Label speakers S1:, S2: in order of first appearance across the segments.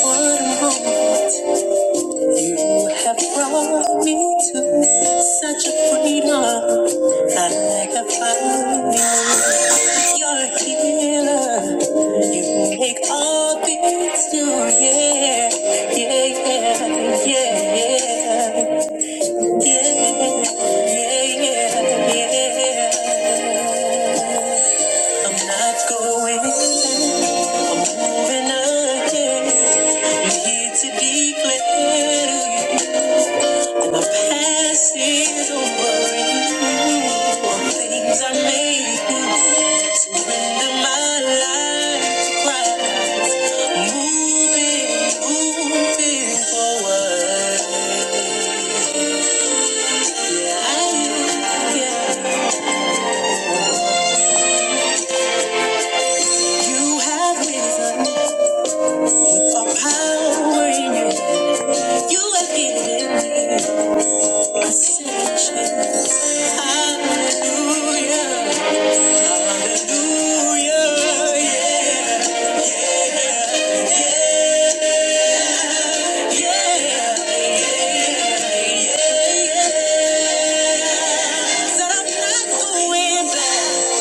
S1: What a moment you have brought me to such a freedom I have found you. You're a healer. You make all things new. Yeah, yeah, yeah, yeah, yeah, yeah, yeah. yeah. I'm not going back. I'm moving again. I'm here to declare that my past is over. All things I made new. Surrender my life to Christ. I'm Moving, moving forward. Yeah, I am. Yeah, you have risen. For power you, have given me Hallelujah, hallelujah, yeah, yeah. Said I'm not going back,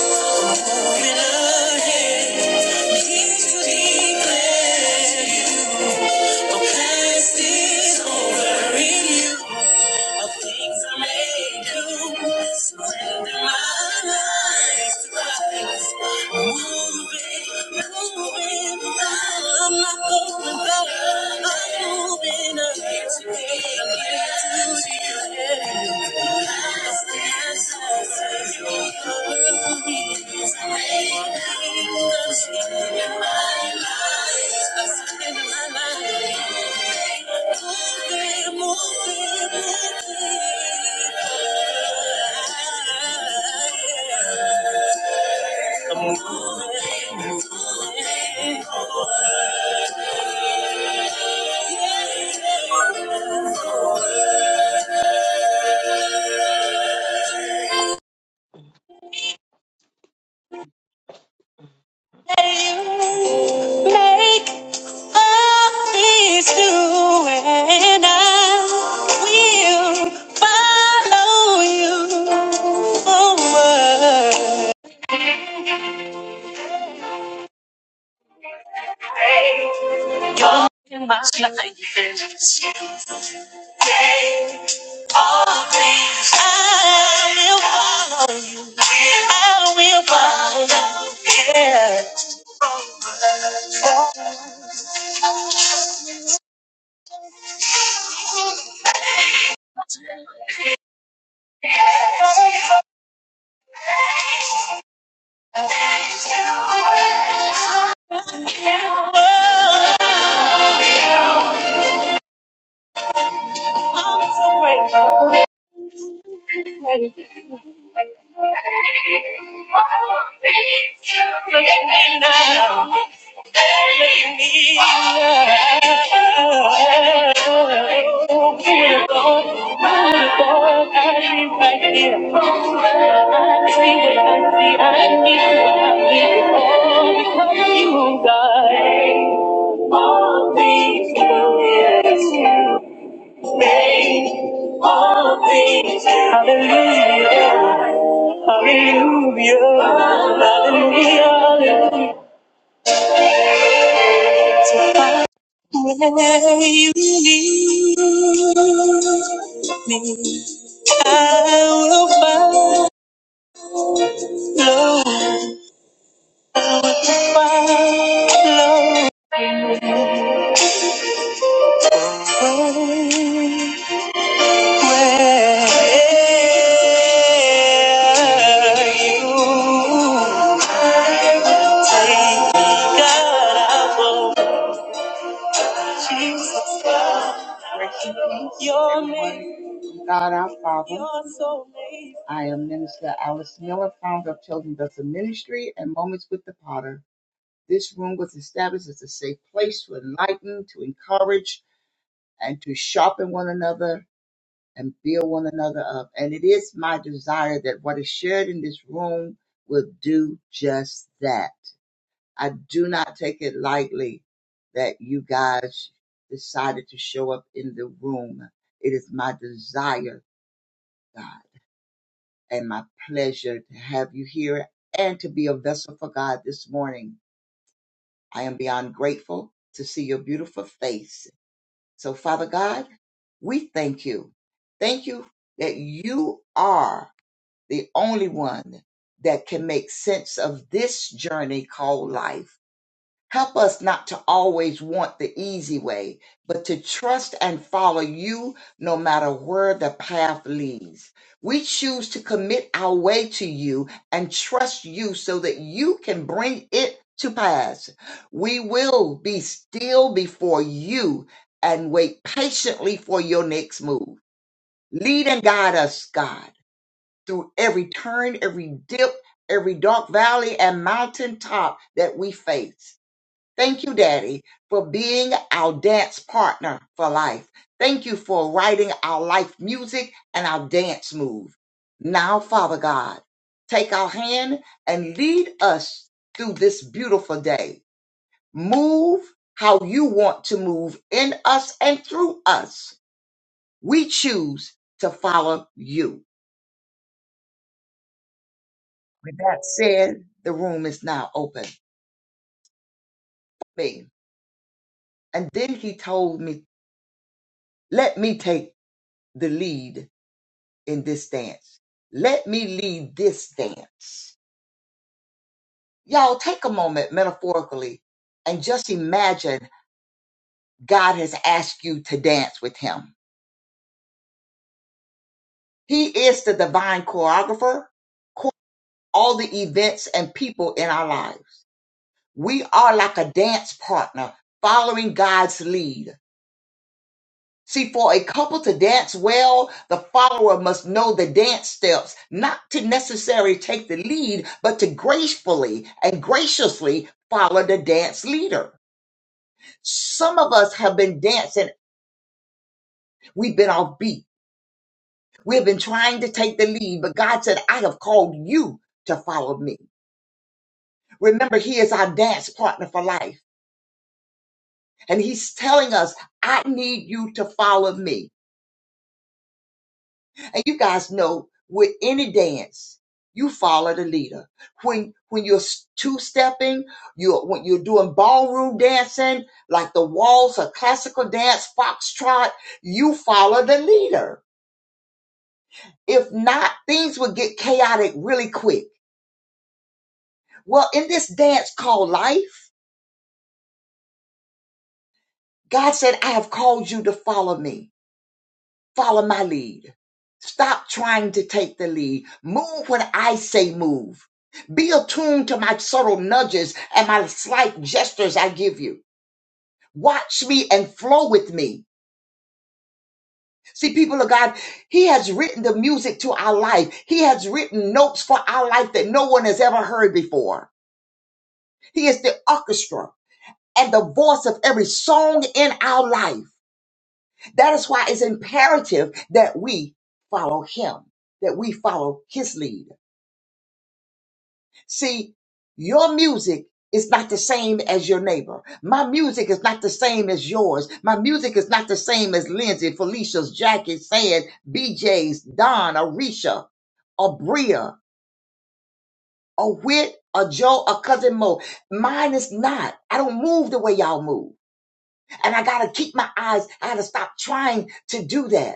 S1: going again. Here to declare you, my past is over in you. of things I may do. Surrender my life to Christ. Moving, moving, I'm not going back. I'm moving up today. I'm here to you. Thank you. Make all these new, and I will follow you. I will follow you. I will follow you. Yeah. Whoa. Look at me now. Look at me now. Who would've thought? Who would've thought I'd be right here? I see what I see. I need what I need. All because of you, God. All things new. Yes, you made all things new. Hallelujah. Hallelujah, hallelujah, I believe me, I will follow, follow where you take me. God, I will Jesus, God, your name. God our Father. I am Minister Alice Miller, founder of Children Does the Ministry and Moments with the Potter. This room was established as a safe place to enlighten, to encourage, and to sharpen one another and build one another up. And it is my desire that what is shared in this room will do just that. I do not take it lightly that you guys decided to show up in the room. It is my desire God. and my pleasure to have you here and to be a vessel for God this morning. I am beyond grateful to see your beautiful face. So, Father God, we thank you. Thank you that you are the only one that can make sense of this journey called life Help us not to always want the easy way, but to trust and follow you no matter where the path leads. We choose to commit our way to you and trust you so that you can bring it to pass. We will be still before you and wait patiently for your next move. Lead and guide us, God, through every turn, every dip, every dark valley and mountain top that we face. Thank you, Daddy, for being our dance partner for life. Thank you for writing our life music and our dance move. Now, Father God, take our hand and lead us through this beautiful day. Move how you want to move in us and through us. We choose to follow you. With that said, the room is now open. Me. And then he told me, let me take the lead in this dance. Let me lead this dance. Y'all take a moment metaphorically and just imagine God has asked you to dance with him. He is the divine choreographer, cho- all the events and people in our lives. We are like a dance partner following God's lead See, for a couple to dance well, the follower must know the dance steps, not to necessarily take the lead, but to gracefully and graciously follow the dance leader. Some of us have been dancing, we've been off beat. We've been trying to take the lead, but God said, I have called you to follow me. Remember, He is our dance partner for life. And He's telling us, I need you to follow me. And you guys know with any dance, you follow the leader. When when you're two stepping, you're when you're doing ballroom dancing, like the waltz or classical dance, foxtrot, you follow the leader. If not, things would get chaotic really quick. Well, in this dance called life, God said, I have called you to follow me. Follow my lead. Stop trying to take the lead. Move when I say move. Be attuned to my subtle nudges and my slight gestures I give you. Watch me and flow with me. See, people of God, He has written the music to our life. He has written notes for our life that no one has ever heard before. He is the orchestra and the voice of every song in our life. That is why it's imperative that we follow Him, that we follow His lead. See, your music is not the same as your neighbor. My music is not the same as yours. My music is not the same as Lindsay, Felicia's, Jackie, Sad, BJ's, Don, Arisha, or Bria, or Whit, or Joe, or Cousin Mo. Mine is not. I don't move the way y'all move. And I gotta keep my eyes, I gotta stop trying to do that.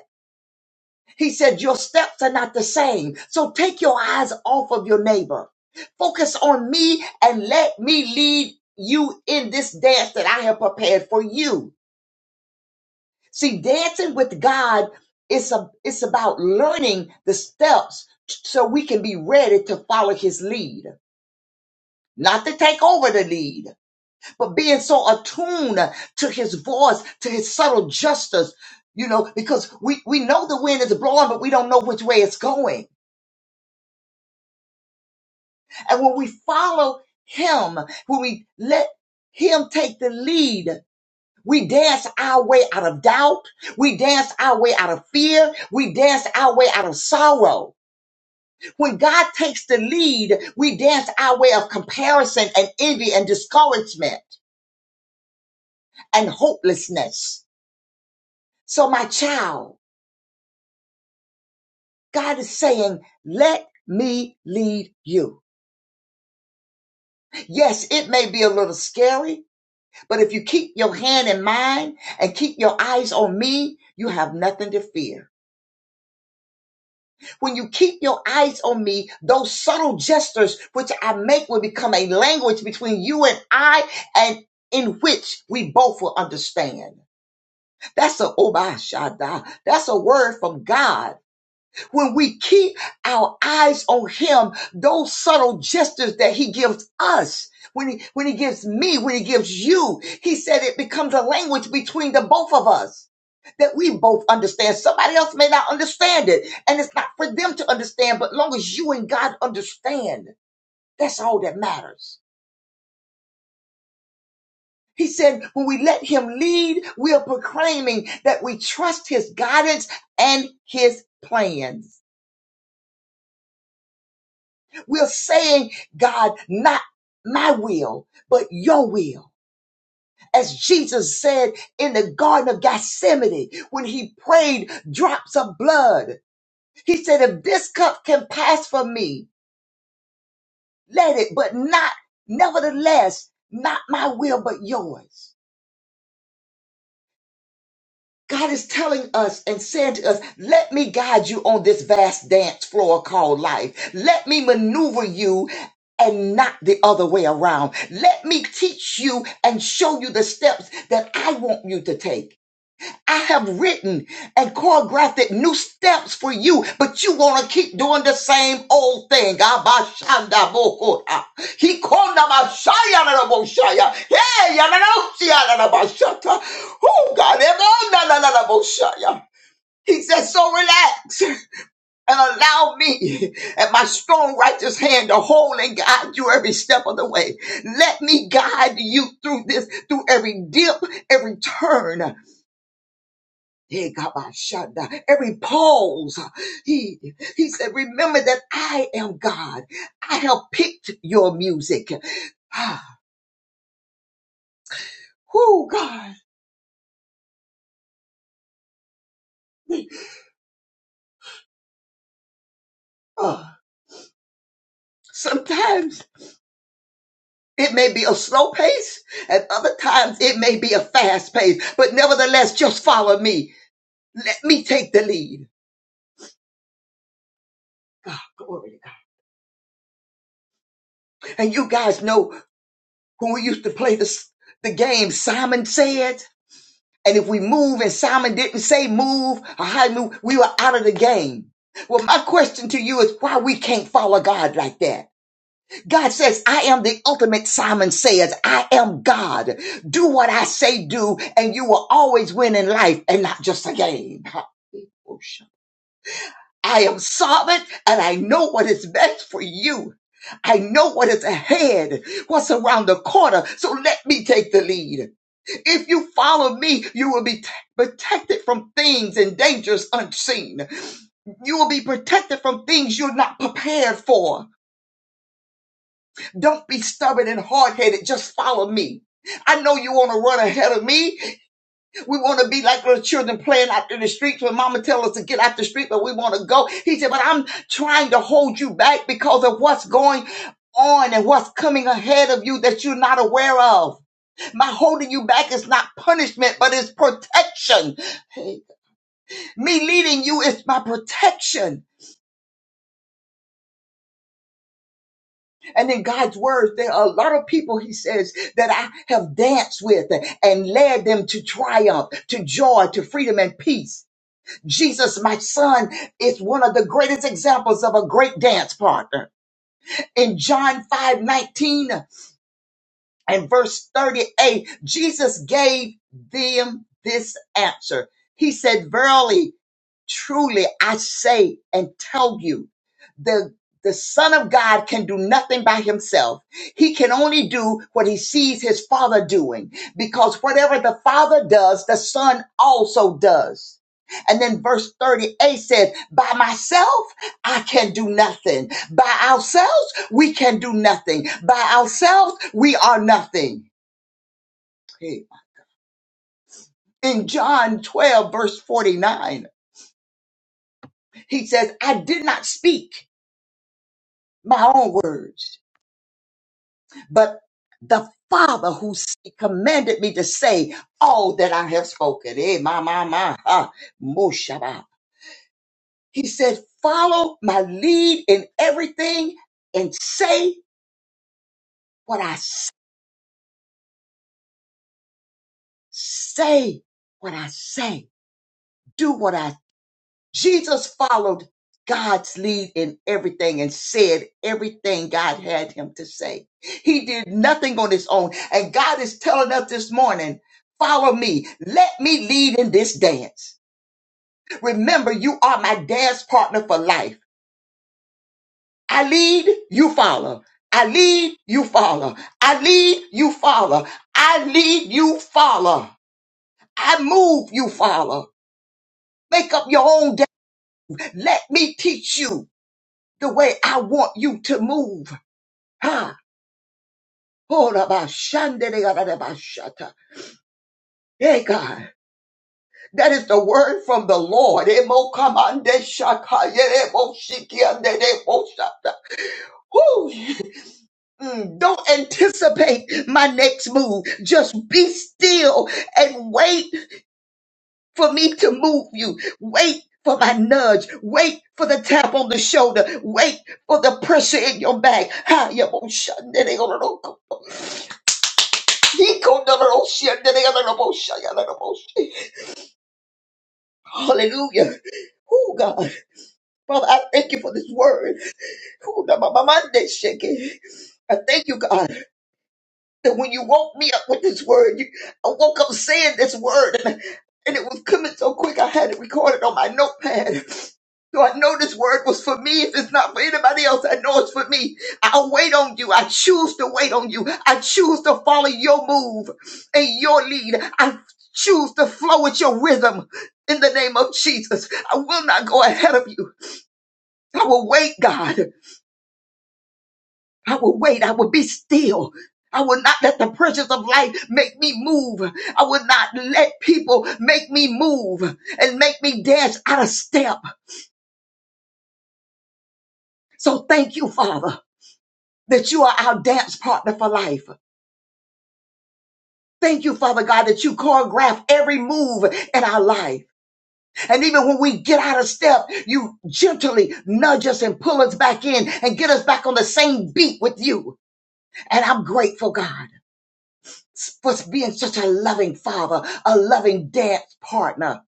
S1: He said, Your steps are not the same. So take your eyes off of your neighbor. Focus on me and let me lead you in this dance that I have prepared for you. See, dancing with God is a, it's about learning the steps so we can be ready to follow his lead. Not to take over the lead, but being so attuned to his voice, to his subtle justice, you know, because we, we know the wind is blowing, but we don't know which way it's going. And when we follow him, when we let him take the lead, we dance our way out of doubt. We dance our way out of fear. We dance our way out of sorrow. When God takes the lead, we dance our way of comparison and envy and discouragement and hopelessness. So my child, God is saying, let me lead you. Yes, it may be a little scary. But if you keep your hand in mine and keep your eyes on me, you have nothing to fear. When you keep your eyes on me, those subtle gestures which I make will become a language between you and I and in which we both will understand. That's a obashada. That's a word from God. when we keep our eyes on him those subtle gestures that he gives us when he when he gives me when he gives you he said it becomes a language between the both of us that we both understand somebody else may not understand it and it's not for them to understand but long as you and god understand that's all that matters he said when we let him lead we are proclaiming that we trust his guidance and his plans We're saying, God, not my will, but your will. As Jesus said in the Garden of Gethsemane when he prayed drops of blood, he said, If this cup can pass from me, let it, but not, nevertheless, not my will, but yours. God is telling us and saying to us, let me guide you on this vast dance floor called life. Let me maneuver you and not the other way around. Let me teach you and show you the steps that I want you to take. I have written and choreographed new steps for you, but you want to keep doing the same old thing. Abashandabokota. Hikondabashayanaboshaya. Hey, yananosiyanabashata. Oh, God. ebonananaboshaya. He says, so relax and allow me and my strong righteous hand to hold and guide you every step of the way. Let me guide you through this, through every dip, every turn. Hey, Kabashanda. Every pause, he he said, remember that I am God. I have picked your music. Ah, whoo, God. Oh, sometimes it may be a slow pace, and other times it may be a fast pace. But nevertheless, just follow me. Let me take the lead. Glory to God. And you guys know when we used to play the the game, Simon said. And if we move and Simon didn't say move or how to move, we were out of the game. Well, my question to you is why we can't follow God like that. God says, I am the ultimate Simon says, I am God. Do what I say do, and you will always win in life and not just a game. I am sovereign and I know what is best for you. I know what is ahead, what's around the corner. So let me take the lead. If you follow me, you will be t- protected from things and dangers unseen. You will be protected from things you're not prepared for. Don't be stubborn and hard headed. Just follow me. I know you want to run ahead of me. We want to be like little children playing out in the streets when mama tells us to get out the street, but we want to go. He said, but I'm trying to hold you back because of what's going on and what's coming ahead of you that you're not aware of. My holding you back is not punishment, but it's protection. Hey, Me leading you is my protection. And in God's words, there are a lot of people, he says, that I have danced with and led them to triumph, to joy, to freedom and peace. Jesus, my son, is one of the greatest examples of a great dance partner. In John 5 19 and verse 38, Jesus gave them this answer. He said, Verily, truly, I say and tell you, the the Son of God can do nothing by himself. He can only do what he sees his Father doing, because whatever the Father does, the Son also does. And then verse 38 says, By myself? I can do nothing. By ourselves, we can do nothing. By ourselves, we are nothing. In John 12, verse 49, he says, I did not speak my own words, but the Father who commanded me to say all that I have spoken. Eh, my, my, my. ah, Moshaba. He said, Follow my lead in everything and say what I say. Say what I say. Do what I Jesus followed God's lead in everything and said everything God had him to say. He did nothing on his own. And God is telling us this morning, follow me. Let me lead in this dance. Remember, you are my dance partner for life. I lead, you follow. I lead, you follow. I lead, you follow. I lead, you follow. I move, you follow. Make up your own dance. Let me teach you. the way I want you to move. Ha! Hold up, ah, shanda de gada de ba shata. Hey God, that is the word from the Lord. Emo kamande shaka, yere mo shiki ande de mo shata. Whew. Mm, Don't anticipate my next move. Just be still and wait for me to move you. Wait for my nudge. Wait for the tap on the shoulder. Wait for the pressure in your back. Ha, yemo shanda de gada de Hallelujah. Oh God, Father, I thank you for this word. Oh, na- ma- ma- ma- de- shake it. I thank you, God. that when you woke me up with this word, you, I woke up saying this word, and, and it was coming so quick I had it recorded on my notepad. So I know this word was for me. If it's not for anybody else, I know it's for me. I'll wait on you. I choose to wait on you. I choose to follow your move and your lead. I choose to flow with your rhythm in the name of Jesus. I will not go ahead of you. I will wait, God. I will wait. I will be still. I will not let the pressures of life make me move. I will not let people make me move and make me dance out of step. So thank you, Father, that you are our dance partner for life. Thank you, Father God, that you choreograph every move in our life. And even when we get out of step, you gently nudge us and pull us back in and get us back on the same beat with you. And I'm grateful, God. for being such a loving father, a loving dance partner,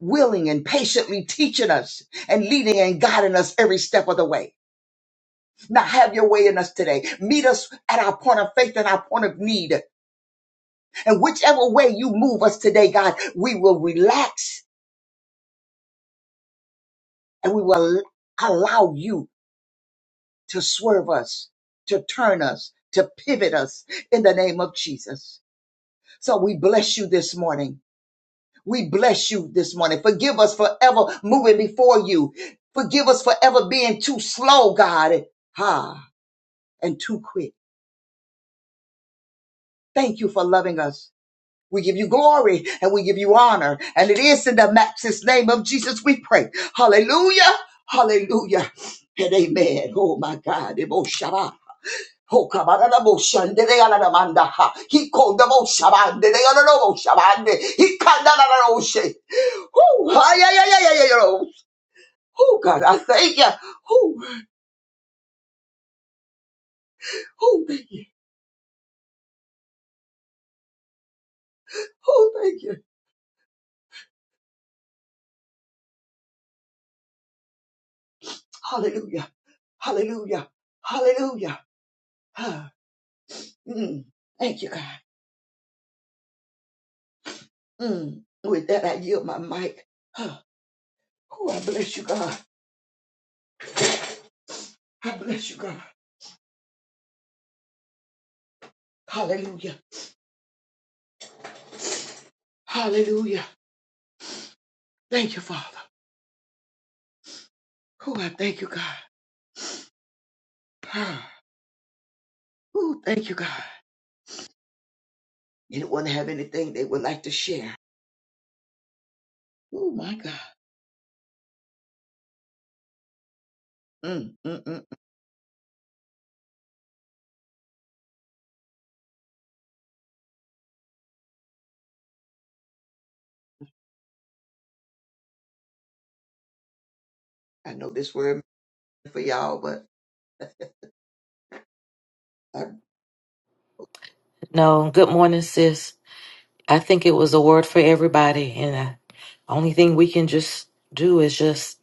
S1: willing and patiently teaching us and leading and guiding us every step of the way. Now have your way in us today. Meet us at our point of faith and our point of need. And whichever way you move us today, God, we will relax and we will allow you to swerve us, to turn us, to pivot us in the name of Jesus. So we bless you this morning. We bless you this morning. Forgive us for ever moving before you. Forgive us for ever being too slow, God, ah, and too quick. Thank you for loving us. We give you glory and we give you honor. And it is in the matchless name of Jesus we pray. Hallelujah. Hallelujah. And amen. Oh my God. Ebo Shabbat. Oh, kabarada bo de ala da manda ha. He called the bo de ala da bo He called the ala da bo she. Woo! Oh God, I thank you. Oh, oh, thank you. Oh, thank you. Hallelujah. Hallelujah. Hallelujah. Ah, Mm, thank you, God. Mm. With that, I yield my mic. Ah, Oh, I bless you, God. I bless you, God. Hallelujah. Hallelujah. Thank you, Father. Oh, I thank you, God. Ah, Oh, thank you, God. Anyone have anything they would like to share? Oh, my God. Mm, mm, mm. mm. I know this word for y'all, but I,
S2: No, good morning, sis. I think it was a word for everybody, and I, only thing we can just do is just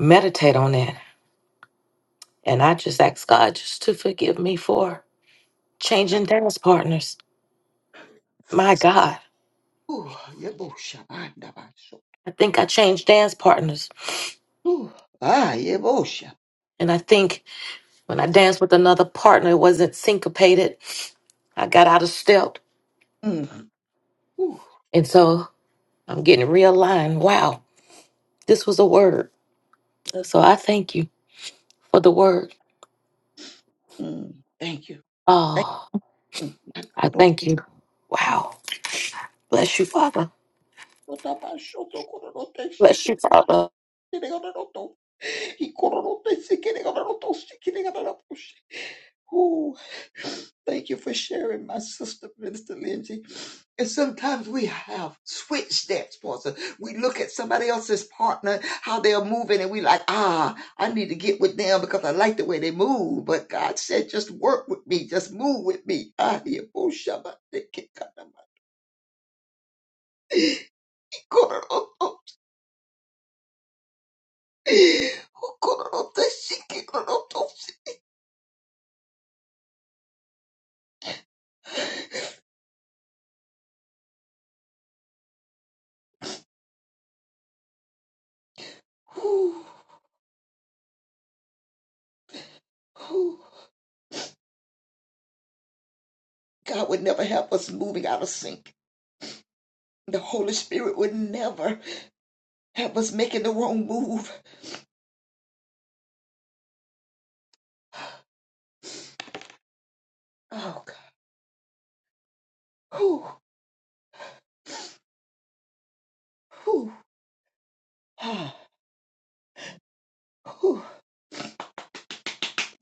S2: meditate on that. And I just ask God just to forgive me for changing dance partners. My God,
S1: ooh, yebosha, manda baso.
S2: I think I changed dance partners,
S1: Ooh, ah, yebosha.
S2: and I think when I danced with another partner, it wasn't syncopated. I got out of step,
S1: Mm, ooh,
S2: and so I'm getting realigned. Wow, this was a word. So I thank you for the word.
S1: mm, thank you. Thank
S2: Oh.
S1: you.
S2: I
S1: Koro,
S2: thank you. Wow. Bless you, Father.
S1: kota baso, to koro no te
S2: Bless
S1: sheke,
S2: you,
S1: koro no
S2: Father.
S1: te sheke, koro no to. He koro no te sheke, koro no to sheke, koro no to Ooh, thank you for sharing, my sister, Minister Lindsay. And sometimes we have switched that sponsor. We look at somebody else's partner, how they're moving, and we like, ah, I need to get with them because I like the way they move. But God said, just work with me, just move with me. Ah, yeah, oh, shabba, de- ke- ka- na- ma. Koro- oh, oh. Oh, koro- oh, te- shi- koro- oh, to- Ooh, ooh. God would never have us moving out of sync. The Holy Spirit would never. that was making the wrong move. Oh, God. Whew, whew, ah, whew.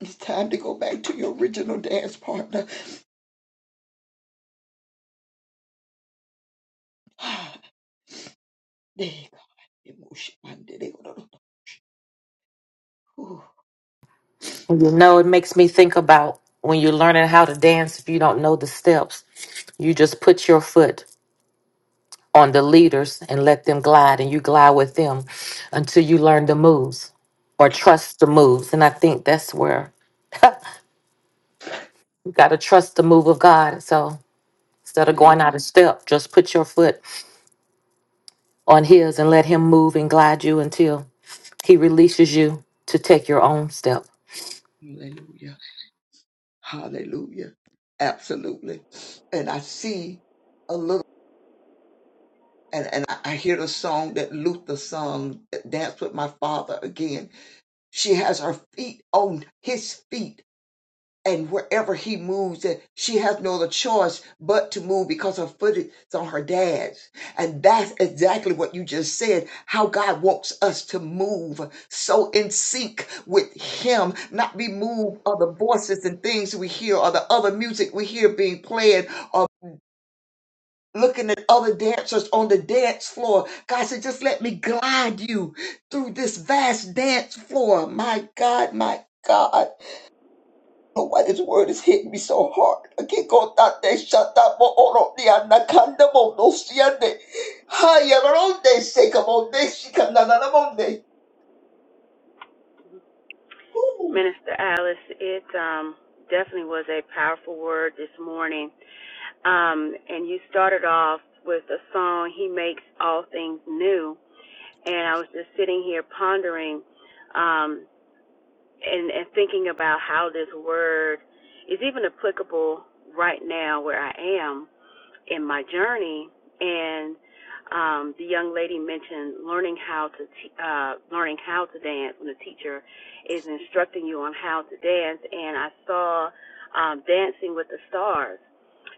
S1: It's time to go back to your original dance partner. Ah, there you go. Emotion, man, there you go. Whew.
S2: And You know, it makes me think about when you're learning how to dance, if you don't know the steps, you just put your foot on the leaders and let them glide, and you glide with them until you learn the moves or trust the moves. And I think that's where you got to trust the move of God. So instead of
S1: Hallelujah.
S2: going out of step, just put your foot on His and let Him move and glide you until He releases you to take your own step.
S1: Hallelujah. Hallelujah. Absolutely. And I see a little, and, and I hear the song that Luther sung, Dance with My Father again. She has her feet on his feet and wherever he moves, eh, she has no other choice but to move because her foot is on her dad's. And that's exactly what you just said how God wants us to move so in sync with Him, not be moved by the voices and things we hear or the other music we hear being played or looking at other dancers on the dance floor. God said, just let me glide you through this vast dance floor. My God, my God know why this word is hitting me so hard. Akikotate shatamo oroni anakandamo nosiane. Hayaronde sekamonde shikananamonde. Woo.
S3: Minister Alice, it um, definitely was a powerful word this morning. Um, and you started off with a song, He Makes All Things New. And I was just sitting here pondering um, and, and thinking about how this word is even applicable right now where I am in my journey, and um, the young lady mentioned learning how to te- uh, learning how to dance when the teacher is instructing you on how to dance. And I saw um, Dancing with the Stars,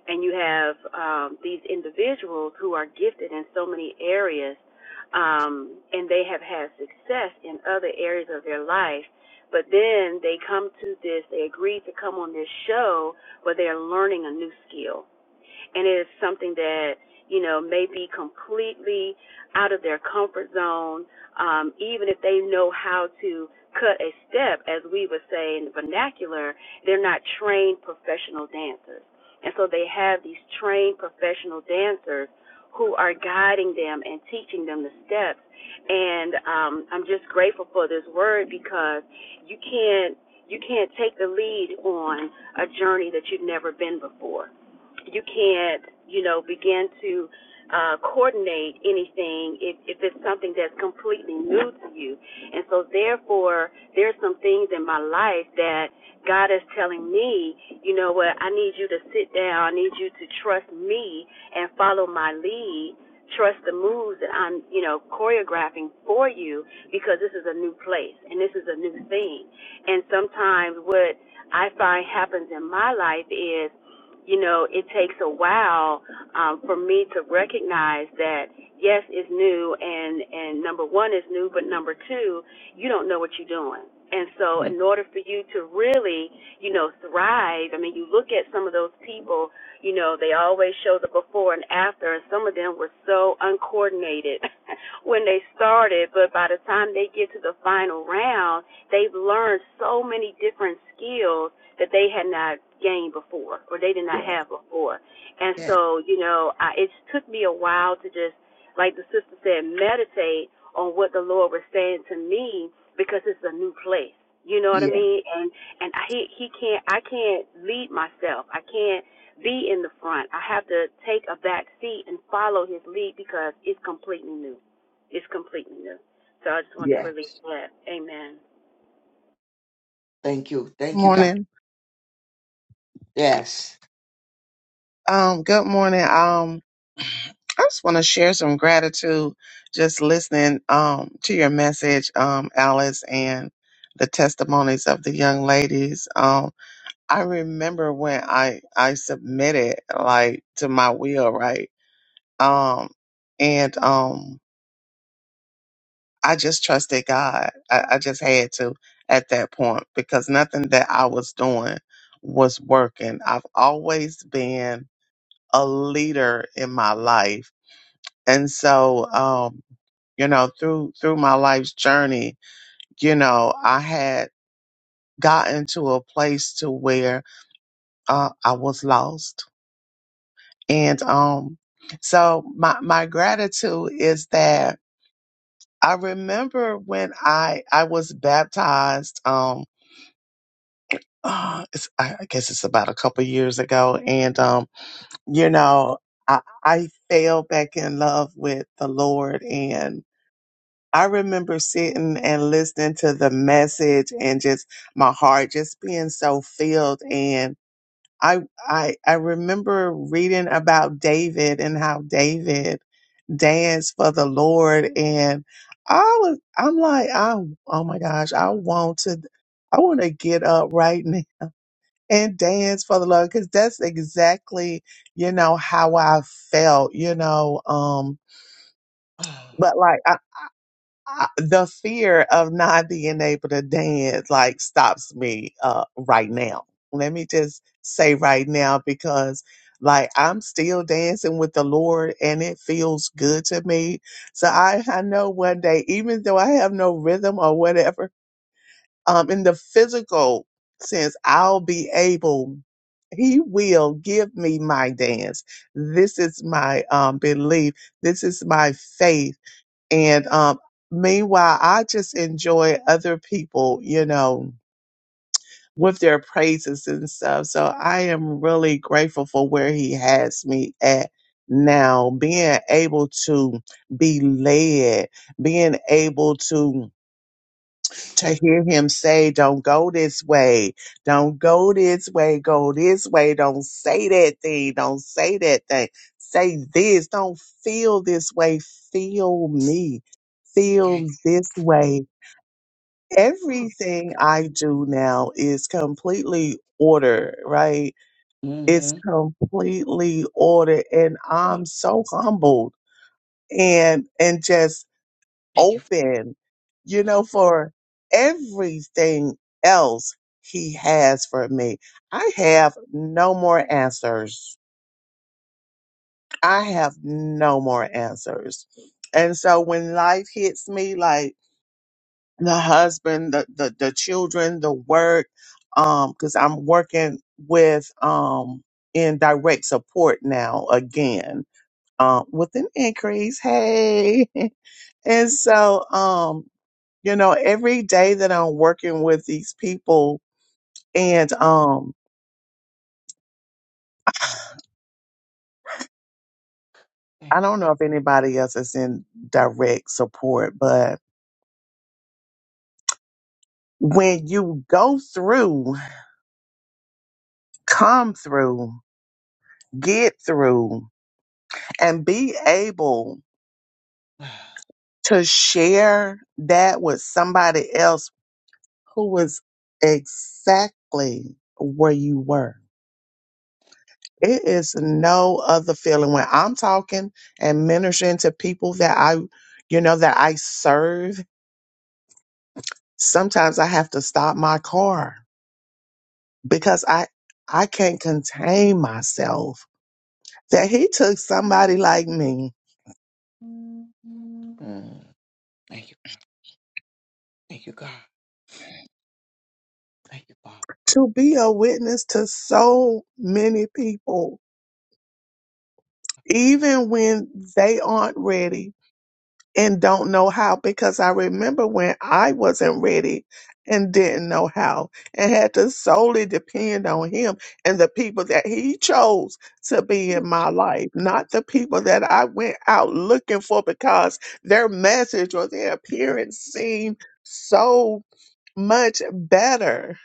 S3: and you have um, these individuals who are gifted in so many areas, um, and they have had success in other areas of their life. But then they come to this, they agree to come on this show where they are learning a new skill and it is something that you know may be completely out of their comfort zone um even if they know how to cut a step as we would say in the vernacular they're not trained professional dancers and so they have these trained professional dancers who are guiding them and teaching them the steps and um I'm just grateful for this word because you can't you can't take the lead on a journey that you've never been before you can't, you know, begin to uh, coordinate anything if, if it's something that's completely new to you. And so, therefore, there's some things in my life that God is telling me, you know what, I need you to sit down, I need you to trust me and follow my lead. Trust the moves that I'm, you know, choreographing for you because this is a new place and this is a new thing. And sometimes what I find happens in my life is you know, it takes a while um, for me to recognize that yes, it's new, and and number one is new, but number two, you don't know what you're doing. And so, in order for you to really, you know, thrive, I mean, you look at some of those people, you know, they always show the before and after, and some of them were so uncoordinated when they started, but by the time they get to the final round, they've learned so many different skills that they had not gained before or they did not have before. And
S1: Yeah,
S3: so, you know, I, it took me a while to just, like the sister said, meditate on what the Lord was saying to me because it's a new place. You know what I
S1: yeah,
S3: mean? And and he he can't I can't lead myself. I can't be in the front. I have to take a back seat and follow his lead because it's completely new. It's completely new. So I just want to
S1: yeah.
S3: release that. Amen.
S1: Thank you.
S4: Good
S1: Thank you, doctor.
S4: morning.
S1: Yes.
S4: Um, good morning. Um, I just want to share some gratitude just listening um, to your message, um, Alice, and the testimonies of the young ladies. Um, I remember when I I submitted like to my will, right? Um, and um, I just trusted God. I, I just had to at that point because nothing that I was doing was working. I've always been a leader in my life And so, um, you know, through, through my life's journey, you know, I had gotten to a place to where, uh, I was lost. And, um, so my, my gratitude is that I remember when I, I was baptized, um, uh, it's, I I guess it's about a couple years ago. And, um, you know, I, I fell back in love with the Lord and. I remember sitting and listening to the message and just my heart just being so filled and I I I remember reading about David and how David danced for the Lord and I was I'm like I oh my gosh I want to I want to get up right now and dance for the Lord because that's exactly you know how I felt you know um
S1: Oh,
S4: but like I- the fear of not being able to dance like stops me uh right now. Let me just say right now because like I'm still dancing with the Lord and it feels good to me. So I I know one day even though I have no rhythm or whatever um in the physical sense I'll be able he will give me my dance. This is my um belief. This is my faith and um, meanwhile, I just enjoy other people, you know, with their praises and stuff. So I am really grateful for where he has me at now, being able to be led, being able to to hear him say, Don't go this way. Don't go this way. Go this way. Don't say that thing. Don't say that thing. Say this. Don't feel this way. Feel me. Feel
S1: thanks.
S4: this way. Everything I do now is completely ordered, right? It's
S1: Mm-hmm.
S4: completely ordered. And I'm so humbled and, and just open, you know, for everything else he has for me. I have no more answers. I have no more answers. And so when life hits me, like the husband, the, the, the children, the work, um, cause I'm working with, um, in direct support now again, um, with an increase. Hey. And so, um, you know, every day that I'm working with these people, and um, I don't know if anybody else is in direct support, but when you go through, come through, get through, and be able to share that with somebody else who was exactly where you were. It is no other feeling when I'm talking and ministering to people that I, you know, that I serve sometimes I have to stop my car because I I can't contain myself. That he took somebody like me
S1: Thank you, God. Thank you, God. Thank you, Father.
S4: to be a witness to so many people, even when they aren't ready and don't know how because I remember when I wasn't ready and didn't know how and had to solely depend on him and the people that he chose to be in my life, not the people that I went out looking for because their message or their appearance seemed so much better.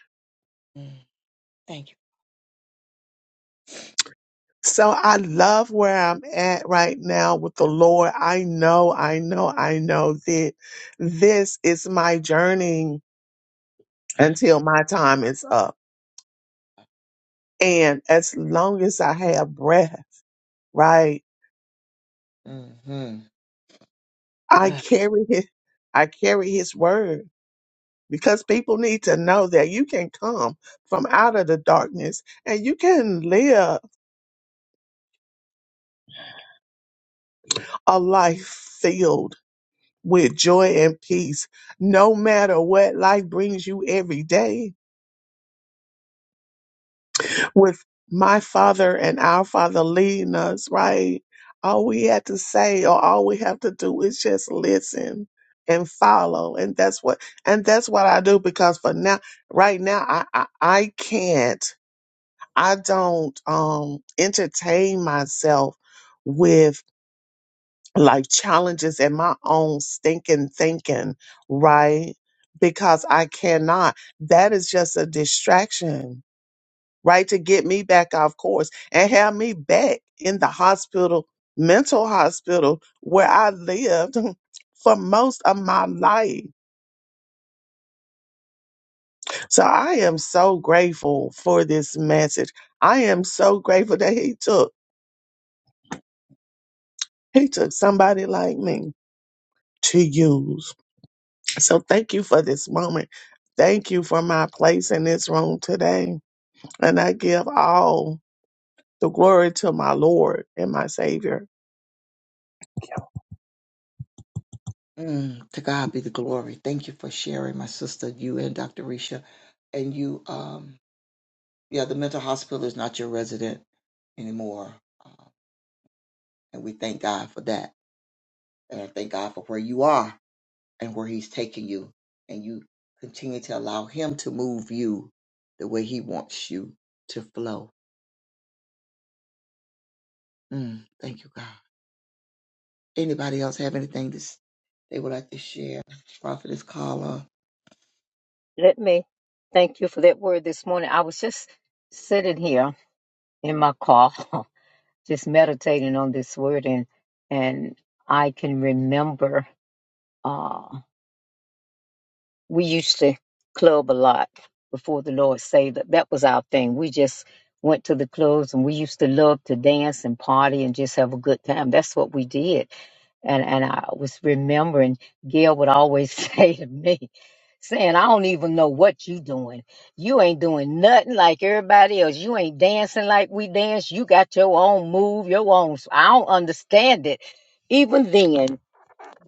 S4: So I love where I'm at right now with the Lord. I know, I know, I know that this is my journey until my time is up. And as long as I have breath, right,
S1: Mm-hmm.
S4: I carry his, I carry his word because people need to know that you can come from out of the darkness and you can live a life filled with joy and peace, no matter what life brings you every day. with my father and our father leading us, right? All we had to say or all we have to do is just listen and follow. And that's what and that's what I do because for now right now I I, I can't I don't um entertain myself with like challenges and my own stinking thinking, right? Because I cannot. That is just a distraction right? To get me back off course and have me back in the hospital, mental hospital where I lived for most of my life. So I am so grateful for this message. I am so grateful that he took, he took somebody like me to use. So thank you for this moment. Thank you for my place in this room today. And I give all the glory to my Lord and my Savior.
S1: Mm, to God be the glory. Thank you for sharing, my sister, you and Dr. Risha. And you, um, yeah, the mental hospital is not your resident anymore. And we thank God for that. And I thank God for where you are and where He's taking you. And you continue to allow Him to move you the way He wants you to flow. Mm, thank you, God. Anybody else have anything to, s- they would like to share? Prophetess Carla.
S5: Let me thank you for that word this morning. I was just sitting here in my car, just meditating on this word, and and I can remember uh, we used to club a lot before the Lord saved us. That was our thing. We just went to the clubs, and we used to love to dance and party and just have a good time. That's what we did and and I was remembering Gail would always say to me, saying, "I don't even know what you doing. You ain't doing nothing like everybody else. You ain't dancing like we dance. You got your own move, your own. s- I don't understand it. Even then,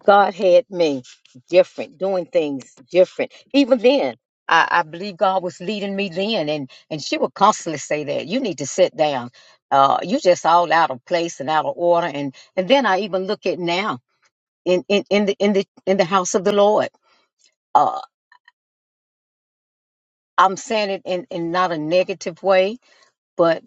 S5: God had me different, doing things different. Even then." I, I believe God was leading me then, and and she would constantly say that you need to sit down. Uh, you just all out of place and out of order, and and then I even look at now in in in the in the in the house of the Lord. Uh, I'm saying it in in not a negative way, but.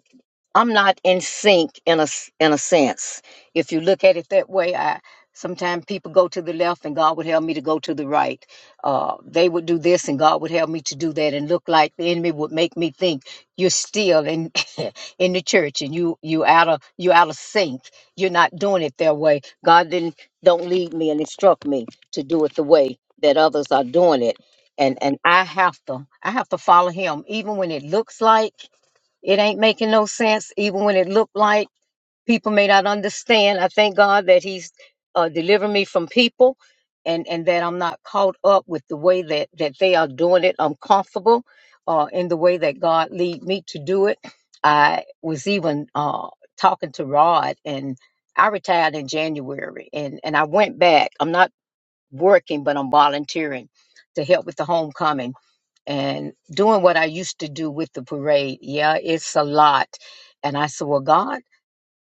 S5: I'm not in sync in a s- in a sense. If you look at it that way, I sometimes people go to the left and God would help me to go to the right. Uh, they would do this and God would help me to do that, and look like the enemy would make me think you're still in in the church and you you out of you out of sync. You're not doing it their way. God didn't don't lead me and instruct me to do it the way that others are doing it, and and I have to I have to follow Him even when it looks like. It ain't making no sense, even when it looked like people may not understand. I thank God that He's uh, delivering me from people, and and that I'm not caught up with the way that that they are doing it. I'm comfortable uh, in the way that God lead me to do it. I was even uh, talking to Rod, and I retired in January, and and I went back. I'm not working, but I'm volunteering to help with the homecoming and doing what I used to do with the parade. Yeah, it's a lot. And I said, Well, God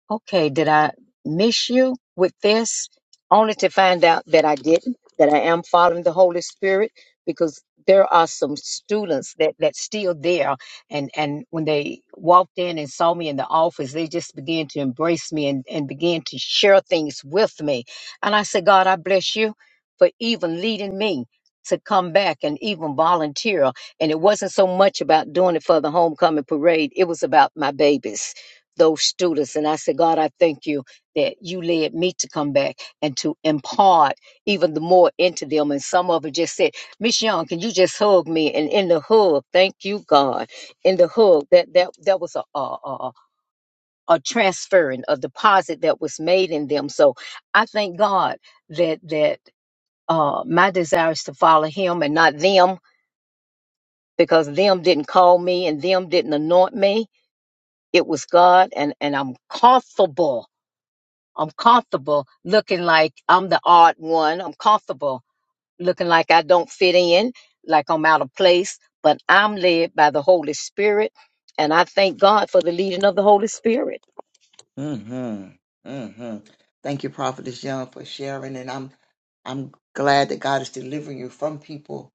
S5: Okay, did I miss you with this? Only to find out that I didn't, that I am following the Holy Spirit, because there are some students that that's still there and and when they walked in and saw me in the office they just began to embrace me and, and began to share things with me and i said god i bless you for even leading me to come back and even volunteer and it wasn't so much about doing it for the homecoming parade it was about my babies those students. And I said, God, I thank you that you led me to come back and to impart even the more into them. And some of it just said, Miss Young, can you just hug me? And in the hug, thank you, God. In the hug, that that that was a a, a, a transferring, a deposit that was made in them. So I thank God that that uh, my desire is to follow Him and not them because them didn't call me and them didn't anoint me. It was God, and and I'm comfortable I'm comfortable looking like I'm the odd one. I'm comfortable looking like I don't fit in, like I'm out of place, but I'm led by the Holy Spirit. And I thank God for the leading of the Holy Spirit.
S1: Mm-hmm. Mm-hmm. Thank you, Prophetess Young, for sharing. And I'm I'm glad that God is delivering you from people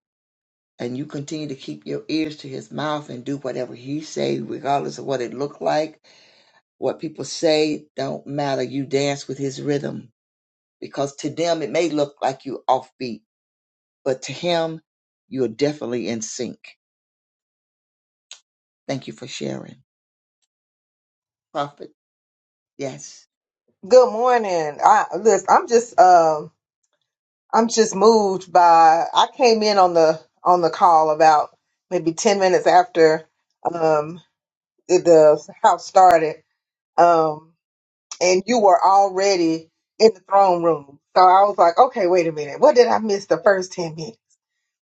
S1: and you continue to keep your ears to his mouth and do whatever he say, regardless of what it look like What people say don't matter. You dance with his rhythm because to them it may look like you offbeat, but to him you're definitely in sync. Thank you for sharing. Prophet, yes,
S6: Good morning. I listen, I'm just um I'm just moved by I came in on the on the call about maybe 10 minutes after um the the house started. Um and you were already in the throne room. So I was like, okay, wait a minute. What did I miss the first 10 minutes?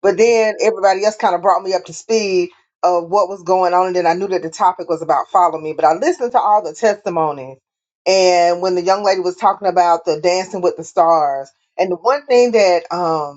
S6: But then everybody else kind of brought me up to speed of what was going on. And then I knew that the topic was about follow me. But I listened to all the testimonies. And when the young lady was talking about the dancing with the stars, and the one thing that um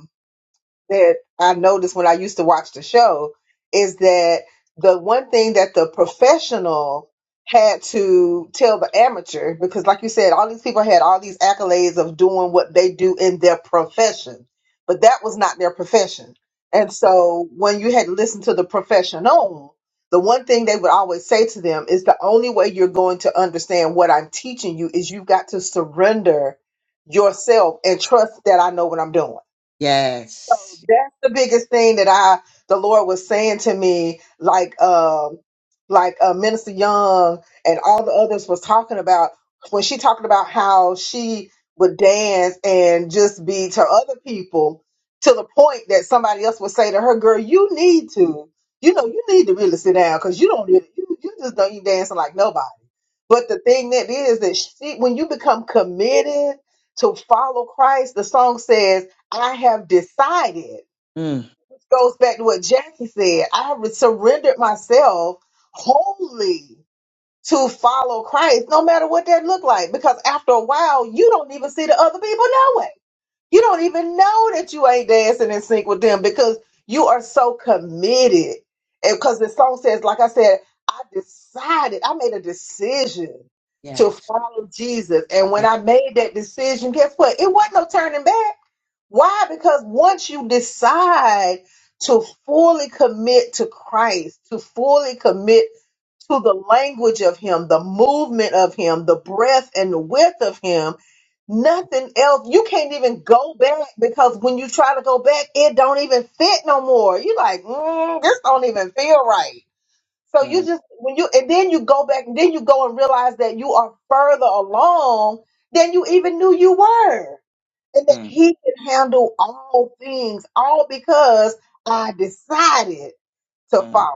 S6: that I noticed when I used to watch the show is that the one thing that the professional had to tell the amateur, because like you said, all these people had all these accolades of doing what they do in their profession, but that was not their profession. And so when you had to listen to the professional, the one thing they would always say to them is the only way you're going to understand what I'm teaching you is you've got to surrender yourself and trust that I know what I'm doing so
S1: yes,
S6: that's the biggest thing that I the Lord was saying to me, like um like uh, Minister Young and all the others was talking about when she talking about how she would dance and just be to other people to the point that somebody else would say to her, "Girl, you need to, you know, you need to really sit down because you don't really, you you just don't you dancing like nobody." But the thing that is that she, when you become committed to follow Christ, the song says I have decided.
S1: mm.
S6: This goes back to what Jackie said. I have surrendered myself wholly to follow Christ, no matter what that looked like. Because after a while, you don't even see the other people know it. You don't even know that you ain't dancing in sync with them because you are so committed. And because the song says, like I said, I decided, I made a decision to
S1: yes,
S6: follow Jesus. And when
S1: yes.
S6: I made that decision, guess what? It wasn't no turning back why? Because once you decide to fully commit to Christ, to fully commit to the language of Him, the movement of Him, the breadth and the width of Him, nothing else. You can't even go back because when you try to go back, it don't even fit no more. you like, mm, this don't even feel right. So you
S1: Mm,
S6: just when you and then you go back and then you go and realize that you are further along than you even knew you were and that
S1: mm,
S6: he can handle all things, all because I decided to
S1: mm.
S6: follow.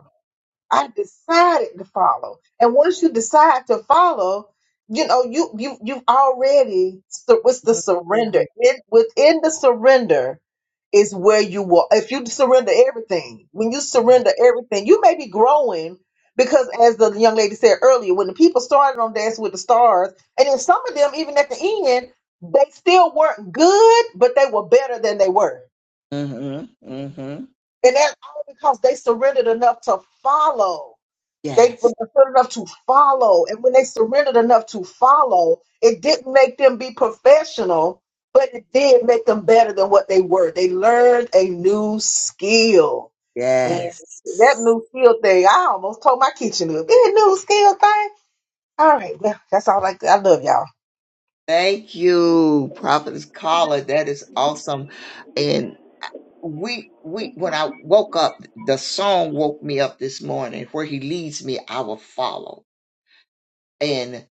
S6: I decided to follow. And once you decide to follow, you know, you you you've already sur- what's the surrender in within the surrender is where you will if you surrender everything. When you surrender everything, you may be growing because as the young lady said earlier, when the people started on Dancing with the Stars, and then some of them even at the end, they still weren't good, but they were better than they were.
S1: Mm-hmm. hmm
S6: And that's all because they surrendered enough to follow they were
S1: Yes.
S6: good enough to follow. And when they surrendered enough to follow, it didn't make them be professional, but it did make them better than what they were. They learned a new skill. Man, that
S1: Yes.
S6: new skill thing, I almost told my kitchen up. That new skill thing. All right, well, that's all I, I love y'all.
S1: Thank you, Prophet's Caller. That is awesome. and. we we when I woke up, the song woke me up this morning. Where He leads me, I will follow. And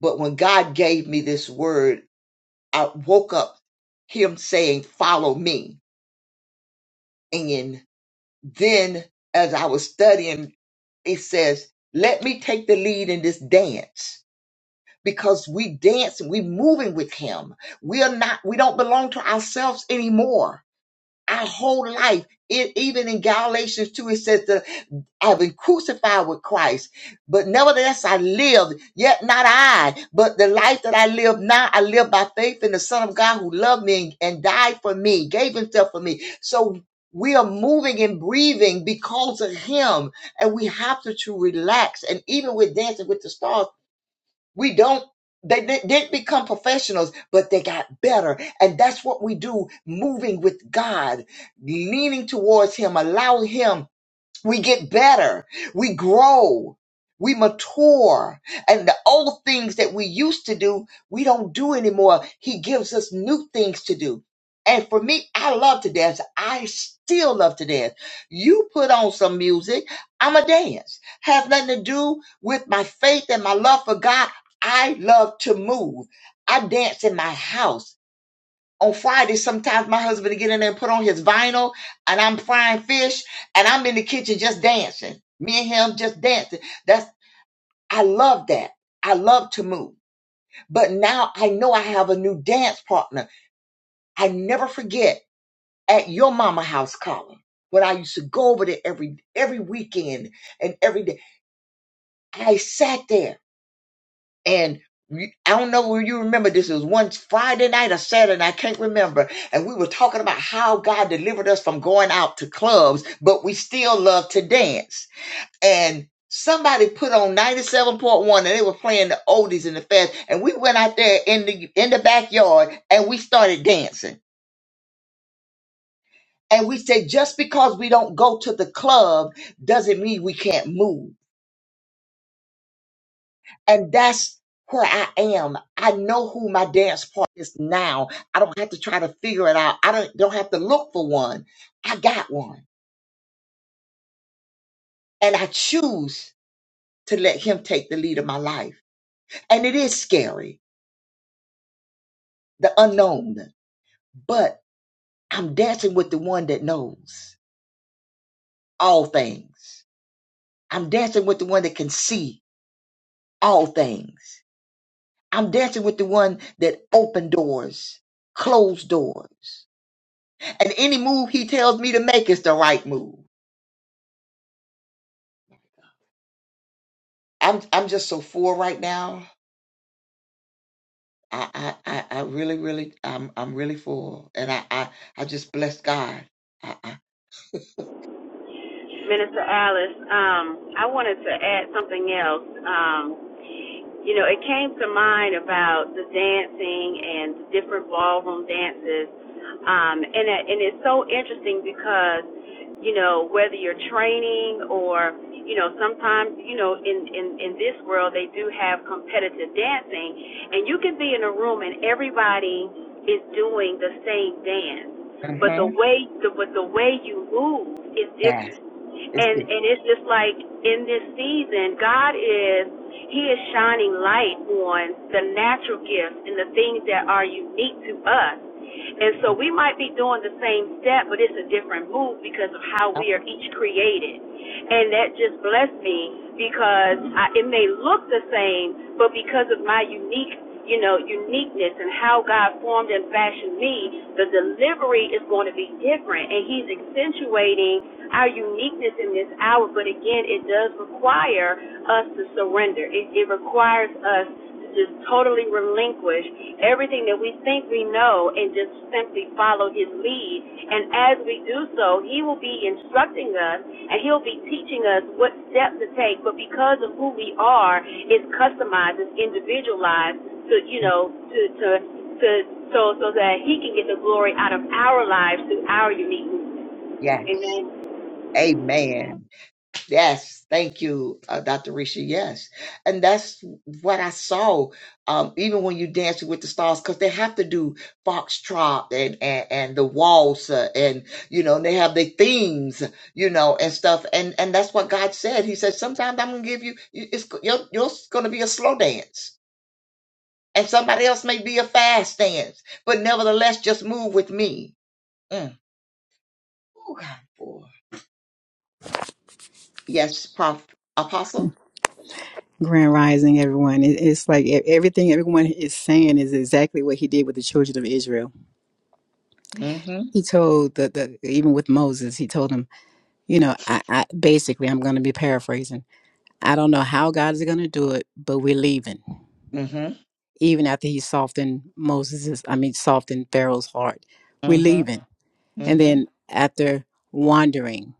S1: but when God gave me this word, I woke up Him saying, "Follow me." And then as I was studying, it says, "Let me take the lead in this dance." Because we dance and we moving with him. We are not, we don't belong to ourselves anymore Our whole life, it, even in Galatians 2, it says that I've been crucified with Christ, but nevertheless I live, yet not I, but the life that I live now, I live by faith in the Son of God who loved me and died for me, gave himself for me. So we are moving and breathing because of him, and we have to, to relax. And even with Dancing with the Stars, we don't, they di- didn't become professionals, but they got better. And that's what we do moving with God, leaning towards Him, allow Him we get better. We grow. We mature. And the old things that we used to do, we don't do anymore. He gives us new things to do. And for me, I love to dance. I still love to dance. You put on some music, I'm a dance. Has nothing to do with my faith and my love for God. I love to move. I dance in my house on Friday, sometimes my husband would get in there and put on his vinyl, and I'm frying fish, and I'm in the kitchen just dancing. Me and him just dancing. That's I love that. I love to move. But now I know I have a new dance partner. I never forget at your mama house, Colin, when I used to go over there every every weekend and every day. I sat there. and we- I don't know where you remember this. It was one Friday night or Saturday, I can't remember. And we were talking about how God delivered us from going out to clubs, but we still love to dance. And somebody put on 97.1 and they were playing the oldies and the fast. And we went out there in the in the backyard and we started dancing. And we said, just because we don't go to the club doesn't mean we can't move And that's where I am. I know who my dance partner is now. I don't have to try to figure it out. I don't, don't have to look for one. I got one. And I choose to let him take the lead of my life. And it is scary, the unknown, but I'm dancing with the one that knows all things. I'm dancing with the one that can see all things. I'm dancing with the one that opened doors, closed doors. And any move he tells me to make is the right move. I'm I'm just so full right now. I I, I, I really, really I'm I'm really full. And I I, I just bless God. I, I,
S3: Minister Alice, um, I wanted to add something else. Um, you know, it came to mind about the dancing and the different ballroom dances. Um, and, and it's so interesting because, you know, whether you're training or, you know, sometimes, you know, in, in, in this world, they do have competitive dancing. And you can be in a room and everybody is doing the same dance but the
S1: hmm
S3: way the but the way you move is different
S1: Yes, it's
S3: and
S1: different.
S3: and it's just like in this season god is he is shining light on the natural gifts and the things that are unique to us and so we might be doing the same step but it's a different move because of how we are each created and that just blessed me because I, it may look the same but because of my unique you know, uniqueness and how God formed and fashioned me, the delivery is going to be different. And He's accentuating our uniqueness in this hour, but again, it does require us to surrender. It, it requires us to just totally relinquish everything that we think we know and just simply follow His lead. And as we do so, He will be instructing us and He'll be teaching us what steps to take. But because of who we are, it's customized, it's individualized to, you know, to, to, to, so, so that He can get the glory out of our lives through our uniqueness. Amen.
S1: Yes. Amen. Yes, thank you, uh, Dr. Risha. Yes, and that's what I saw. Um, even when you dancing with the stars, because they have to do foxtrot and and, and the waltz, uh, and you know they have their themes, you know, and stuff. And and that's what God said. He said, sometimes I'm gonna give you, you- it's you're, you're gonna be a slow dance, and somebody else may be a fast dance, but nevertheless, just move with me. Mm. Ooh, God, boy. Yes, prof, apostle.
S7: Grand Rising, everyone. It, it's like e- everything everyone is saying is exactly what he did with the children of Israel.
S1: Mm-hmm.
S7: He told the, the even with Moses, he told him, you know, I, I basically I'm going to be paraphrasing. I don't know how God is going to do it, but we're leaving. Even after he softened Moses's, I mean, softened Pharaoh's heart, we're
S1: Mm-hmm.
S7: leaving. And
S1: Mhm.
S7: then after wandering,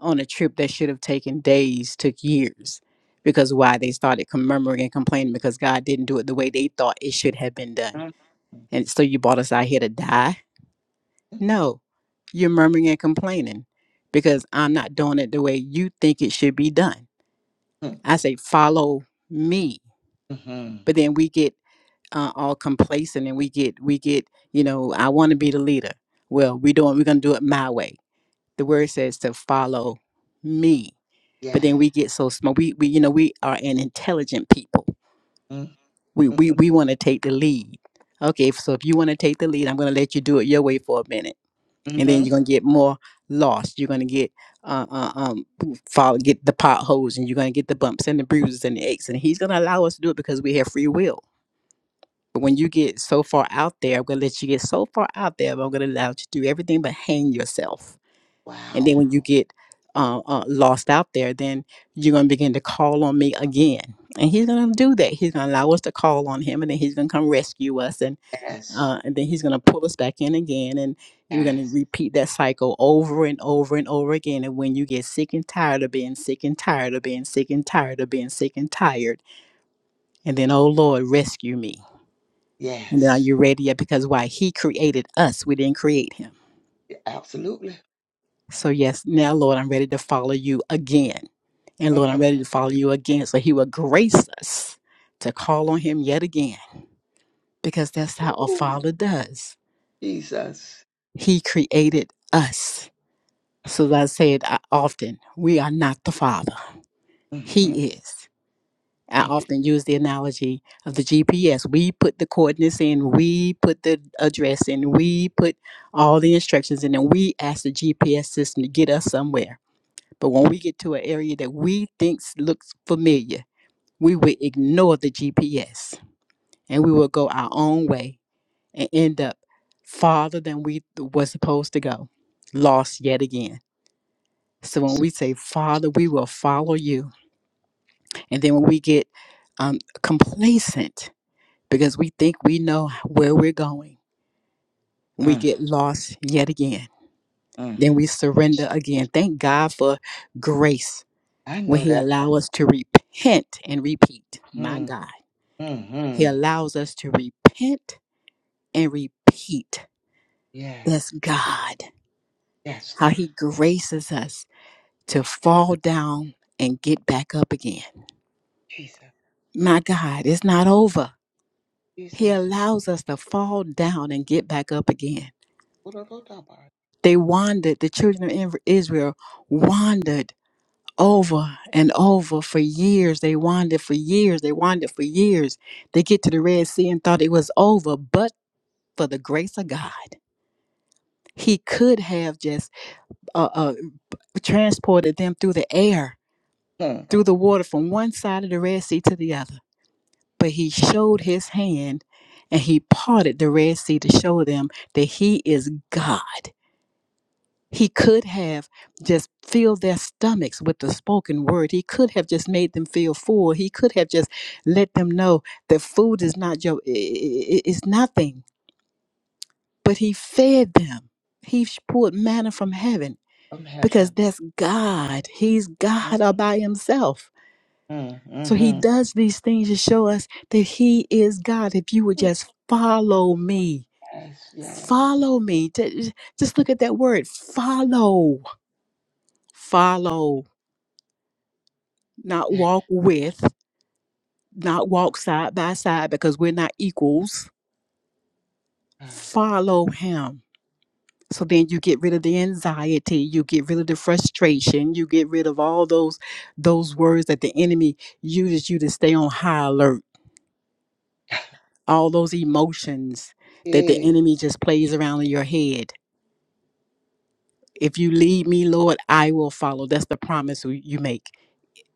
S7: on a trip that should have taken days took years because why they started murmuring and complaining because God didn't do it the way they thought it should have been done.
S1: Mhm.
S7: And so you brought us out here to die? No, you're murmuring and complaining because I'm not doing it the way you think it should be done.
S1: Mhm.
S7: I say, follow me.
S1: Mhm.
S7: But then we get uh, all complacent and we get, we get, you know, I want to be the leader. Well, we doing, we're going to do it my way. The word says to follow me but then
S1: Yes.
S7: we get so smart. We, we you know, we are an intelligent people.
S1: Mhm.
S7: We we we want to take the lead. Okay, so if you want to take the lead, I'm going to let you do it your way for a minute, and then you're
S1: Mhm.
S7: going to get more lost. You're going to get uh, uh, um follow, get the potholes, and you're going to get the bumps and the bruises and the aches, and He's going to allow us to do it because we have free will. But when you get so far out there, I'm going to let you get so far out there, but I'm going to allow you to do everything but hang yourself and then
S1: Wow.
S7: when you get uh, uh, lost out there, then you're going to begin to call on me again. And he's going to do that. He's going to allow us to call on him, and then he's going to come rescue us, and
S1: Yes.
S7: uh, and then he's going to pull us back in again, and you're going to
S1: Yes.
S7: repeat that cycle over and over and over again. And when you get sick and tired of being sick and tired of being sick and tired of being sick and tired, and then oh Lord, rescue me. And then are
S1: Yes.
S7: you ready yet? Because why? He created us. We didn't create him.
S1: Absolutely.
S7: So, yes, now, Lord, I'm ready to follow you again. And Lord, I'm ready to follow you again. So, He will grace us to call on Him yet again, because that's how a
S1: Woo.
S7: father does.
S1: Jesus.
S7: He created us. So, as I said I- often, we are not the father,
S1: Mm, mm.
S7: He is. I
S1: Thank you.
S7: often use the analogy of the GPS. We put the coordinates in, we put the address in, we put all the instructions in, and we ask the GPS system to get us somewhere But when we get to an area that we think looks familiar, we will ignore the GPS and we will go our own way and end up farther than we were supposed to go, lost yet again. So when we say, Father, we will follow you, and then when we get um, complacent because we think we know where we're going, we
S1: Mm,
S7: get lost yet again.
S1: mm.
S7: Then we surrender again. Thank God for grace
S1: I
S7: when
S1: know
S7: he
S1: that's.
S7: allows us to repent and repeat my
S1: Mm,
S7: god
S1: mm,
S7: he
S1: mm.
S7: allows us to repent and repeat
S1: Yeah.
S7: that's god
S1: Yes,
S7: how
S1: God.
S7: he graces us to fall down and get back up again
S1: Jesus.
S7: my god it's not over he
S1: Jesus.
S7: allows us to fall down and get back up again
S1: Mm,
S7: they wandered the children of israel wandered over and over for years they wandered for years they wandered for years they get to the red sea and thought it was over but for the grace of God. He could have just uh, uh, transported them through the air, through the water from one side of the Red Sea to the other. But he showed his hand and he parted the Red Sea to show them that he is God. He could have just filled their stomachs with the spoken word. He could have just made them feel full. He could have just let them know that food is not your, is nothing. But he fed them. He poured manna from heaven
S1: From
S7: because
S1: heaven.
S7: that's God. He's
S1: Mm,
S7: God all by himself.
S1: mm,
S7: So he
S1: mhm.
S7: does these things to show us that he is God. If you would just follow me,
S1: Yes. Yeah.
S7: follow me. Ju- Just look at that word follow, follow, not
S1: Yeah.
S7: walk with, not walk side by side because we're not equals.
S1: Ah.
S7: Follow him. So then you get rid of the anxiety, you get rid of the frustration, you get rid of all those those words that the enemy uses you to stay on high alert, all those emotions that the
S1: Yeah.
S7: enemy just plays around in your head. If you lead me, Lord, I will follow. That's the promise we- you make.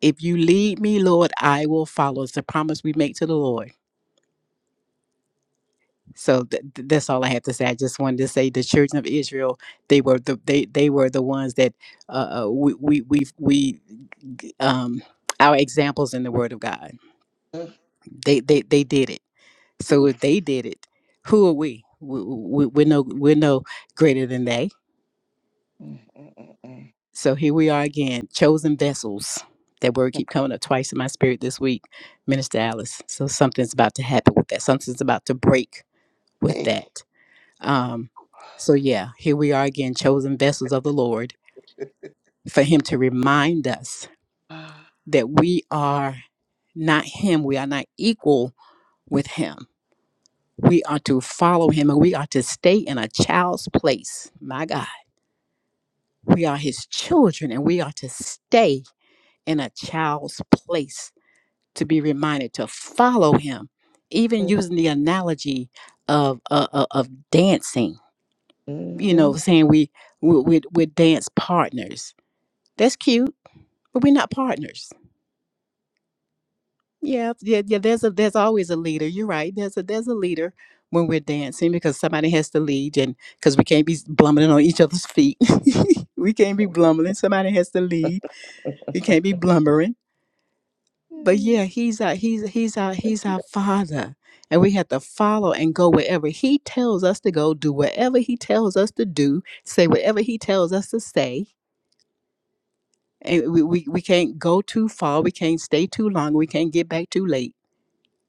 S7: If you lead me, Lord, I will follow. It's the promise we make to the Lord. So th- th- that's all I have to say. I just wanted to say the children of Israel, they were the they they were the ones that uh, uh, we we we we um, our examples in the Word of God.
S1: Mm,
S7: They they they did it. So
S1: Oof.
S7: if they did it, who are we? we, we we're no we're no greater than they.
S1: Mm, mm, mm, mm.
S7: So here we are again, chosen vessels. That word keep coming up twice in my spirit this week, Minister Alice. So something's about to happen with that. Something's about to break with
S1: Hey.
S7: that. Um, so yeah, here we are again, chosen vessels of the Lord, for Him to remind us
S1: Ah,
S7: that we are not Him. We are not equal with Him We are to follow him and we are to stay in a child's place. My God. We are his children and we are to stay in a child's place to be reminded to follow him. Even using the analogy of uh, of of dancing, you
S1: Mm-hmm.
S7: know, saying we we we we're dance partners. That's cute, but we're not partners Yeah, yeah, yeah. There's a there's always a leader. You're right. There's a there's a leader when we're dancing because somebody has to lead, and because we can't be s- blumbling on each other's feet. we can't be blumbling. Somebody has to lead. We can't be blumbering. But
S1: Mm-hmm.
S7: yeah, he's our he's he's our he's our father, and we have to follow and go wherever he tells us to go. Do whatever he tells us to do. Say whatever he tells us to say. And we, we, we can't go too far. We can't stay too long. We can't get back too late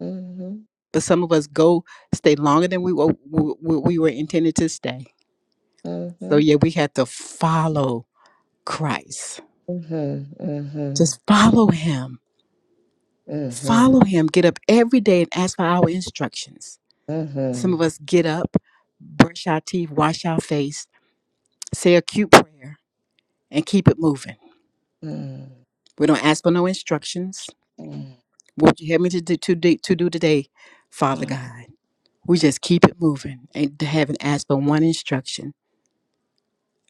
S1: hmm hmm
S7: but some of us go stay longer than we were, we, we were intended to stay.
S1: hmm
S7: So yeah, we had to follow Christ.
S1: hmm Mm-hmm.
S7: Just follow him.
S1: Mm-hmm.
S7: Follow him. Get up every day and ask for our instructions. Some of
S1: Mm-hmm.
S7: us get up, brush our teeth, wash our face, say a cute prayer, and keep it moving. We don't ask for no instructions. What would you have me to do, to, do, to do today, Father God? We just keep it moving and haven't asked for one instruction.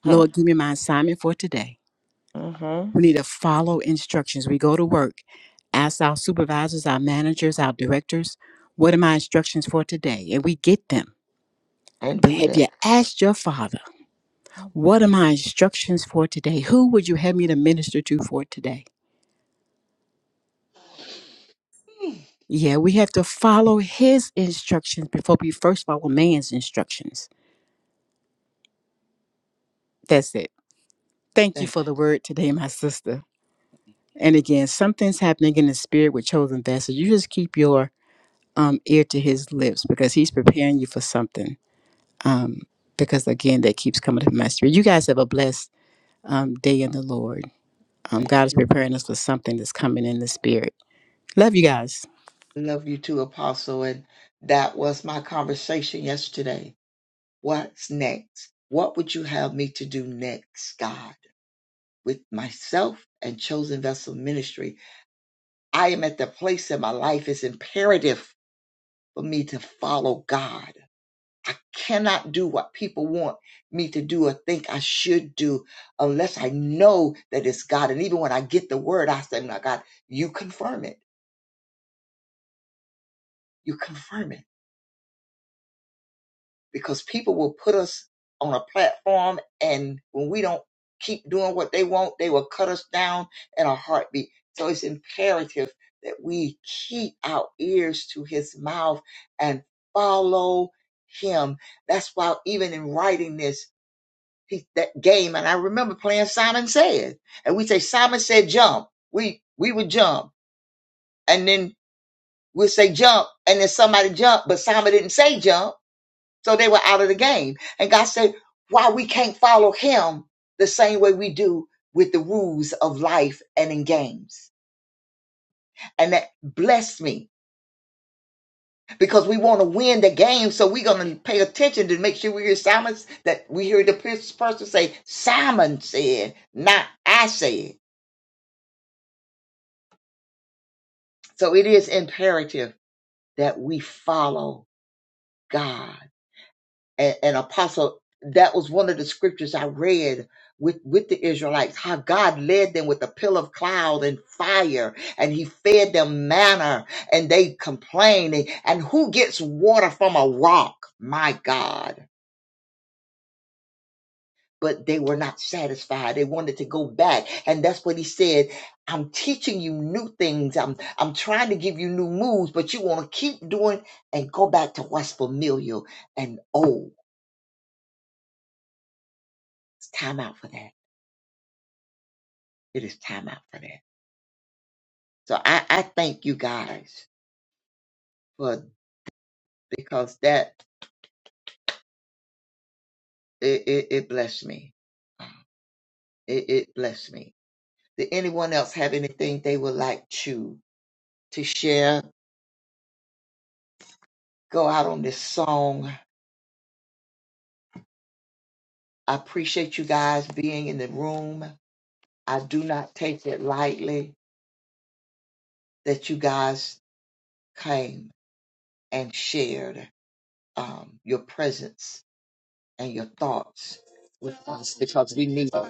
S7: Lord, give me my assignment for today.
S1: hmm
S7: We need to follow instructions. We go to work, ask our supervisors, our managers, our directors, what are my instructions for today? And we get them.
S1: I
S7: But
S1: do
S7: have
S1: that.
S7: you asked your father,
S1: mm,
S7: what are my instructions for today? Who would you have me to minister to for today? Yeah, we have to follow his instructions before we first follow man's instructions. That's it. Thank you
S1: Thank,
S7: for the word today, my sister. And again, something's happening in the spirit with chosen vessels. You just keep your um, ear to his lips because he's preparing you for something um, because again, that keeps coming to my spirit. You guys have a blessed um, day in the Lord. Um,
S1: thank
S7: God is
S1: you.
S7: preparing us for something that's coming in the spirit. Love you guys.
S1: Love you too, Apostle. And that was my conversation yesterday. What's next? What would you have me to do next, God? With myself and Chosen Vessel Ministry, I am at the place in my life, it's imperative for me to follow God. I cannot do what people want me to do or think I should do unless I know that it's God. And even when I get the word, I say, My God, you confirm it. You confirm it. because people will put us on a platform and when we don't keep doing what they want, they will cut us down in a heartbeat. So it's imperative that we keep our ears to his mouth and follow him. That's why even in writing this, he, that game, and I remember playing Simon Says, and we say, Simon said jump. We, we would jump and then we'll say jump and then somebody jump, but Simon didn't say jump so they were out of the game. And God said, why we can't follow him the same way we do with the rules of life and in games. And that blessed me because we want to win the game. So we're going to pay attention to make sure we hear Simon's, that we hear the pers- person say, Simon said, not I said. So it is imperative that we follow God and, and apostle that was one of the scriptures i read with with the israelites how god led them with a pillar of cloud and fire and he fed them manna and they complained and and who gets water from a rock my god but they were not satisfied they wanted to go back and that's what he said i'm teaching you new things i'm i'm trying to give you new moves but you want to keep doing and go back to what's familiar and old it's time out for that it is time out for that. So I, I thank you guys for because that it, it, it blessed me. Uh, It, it blessed me. Did anyone else have anything they would like to to share? Go out on this song. I appreciate you guys being in the room. I do not take it lightly that you guys came and shared um, your presence and your thoughts with us because we need it.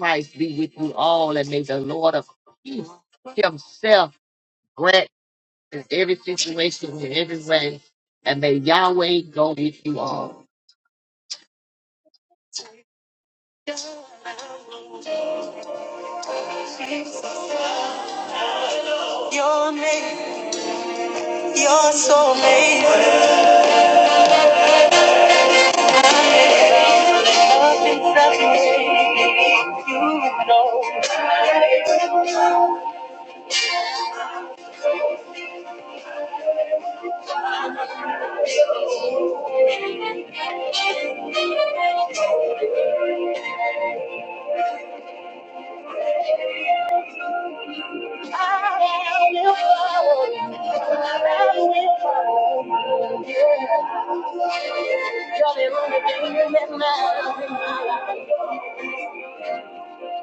S1: Christ be with you all, and may the Lord of peace help in every situation in every way, and may Yahweh go with you all. Your name, your soul name.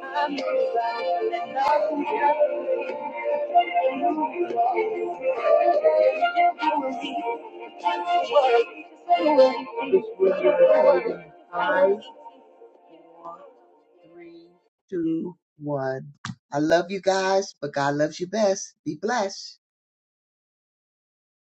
S1: I'm I love you guys, but God loves you best. Be blessed.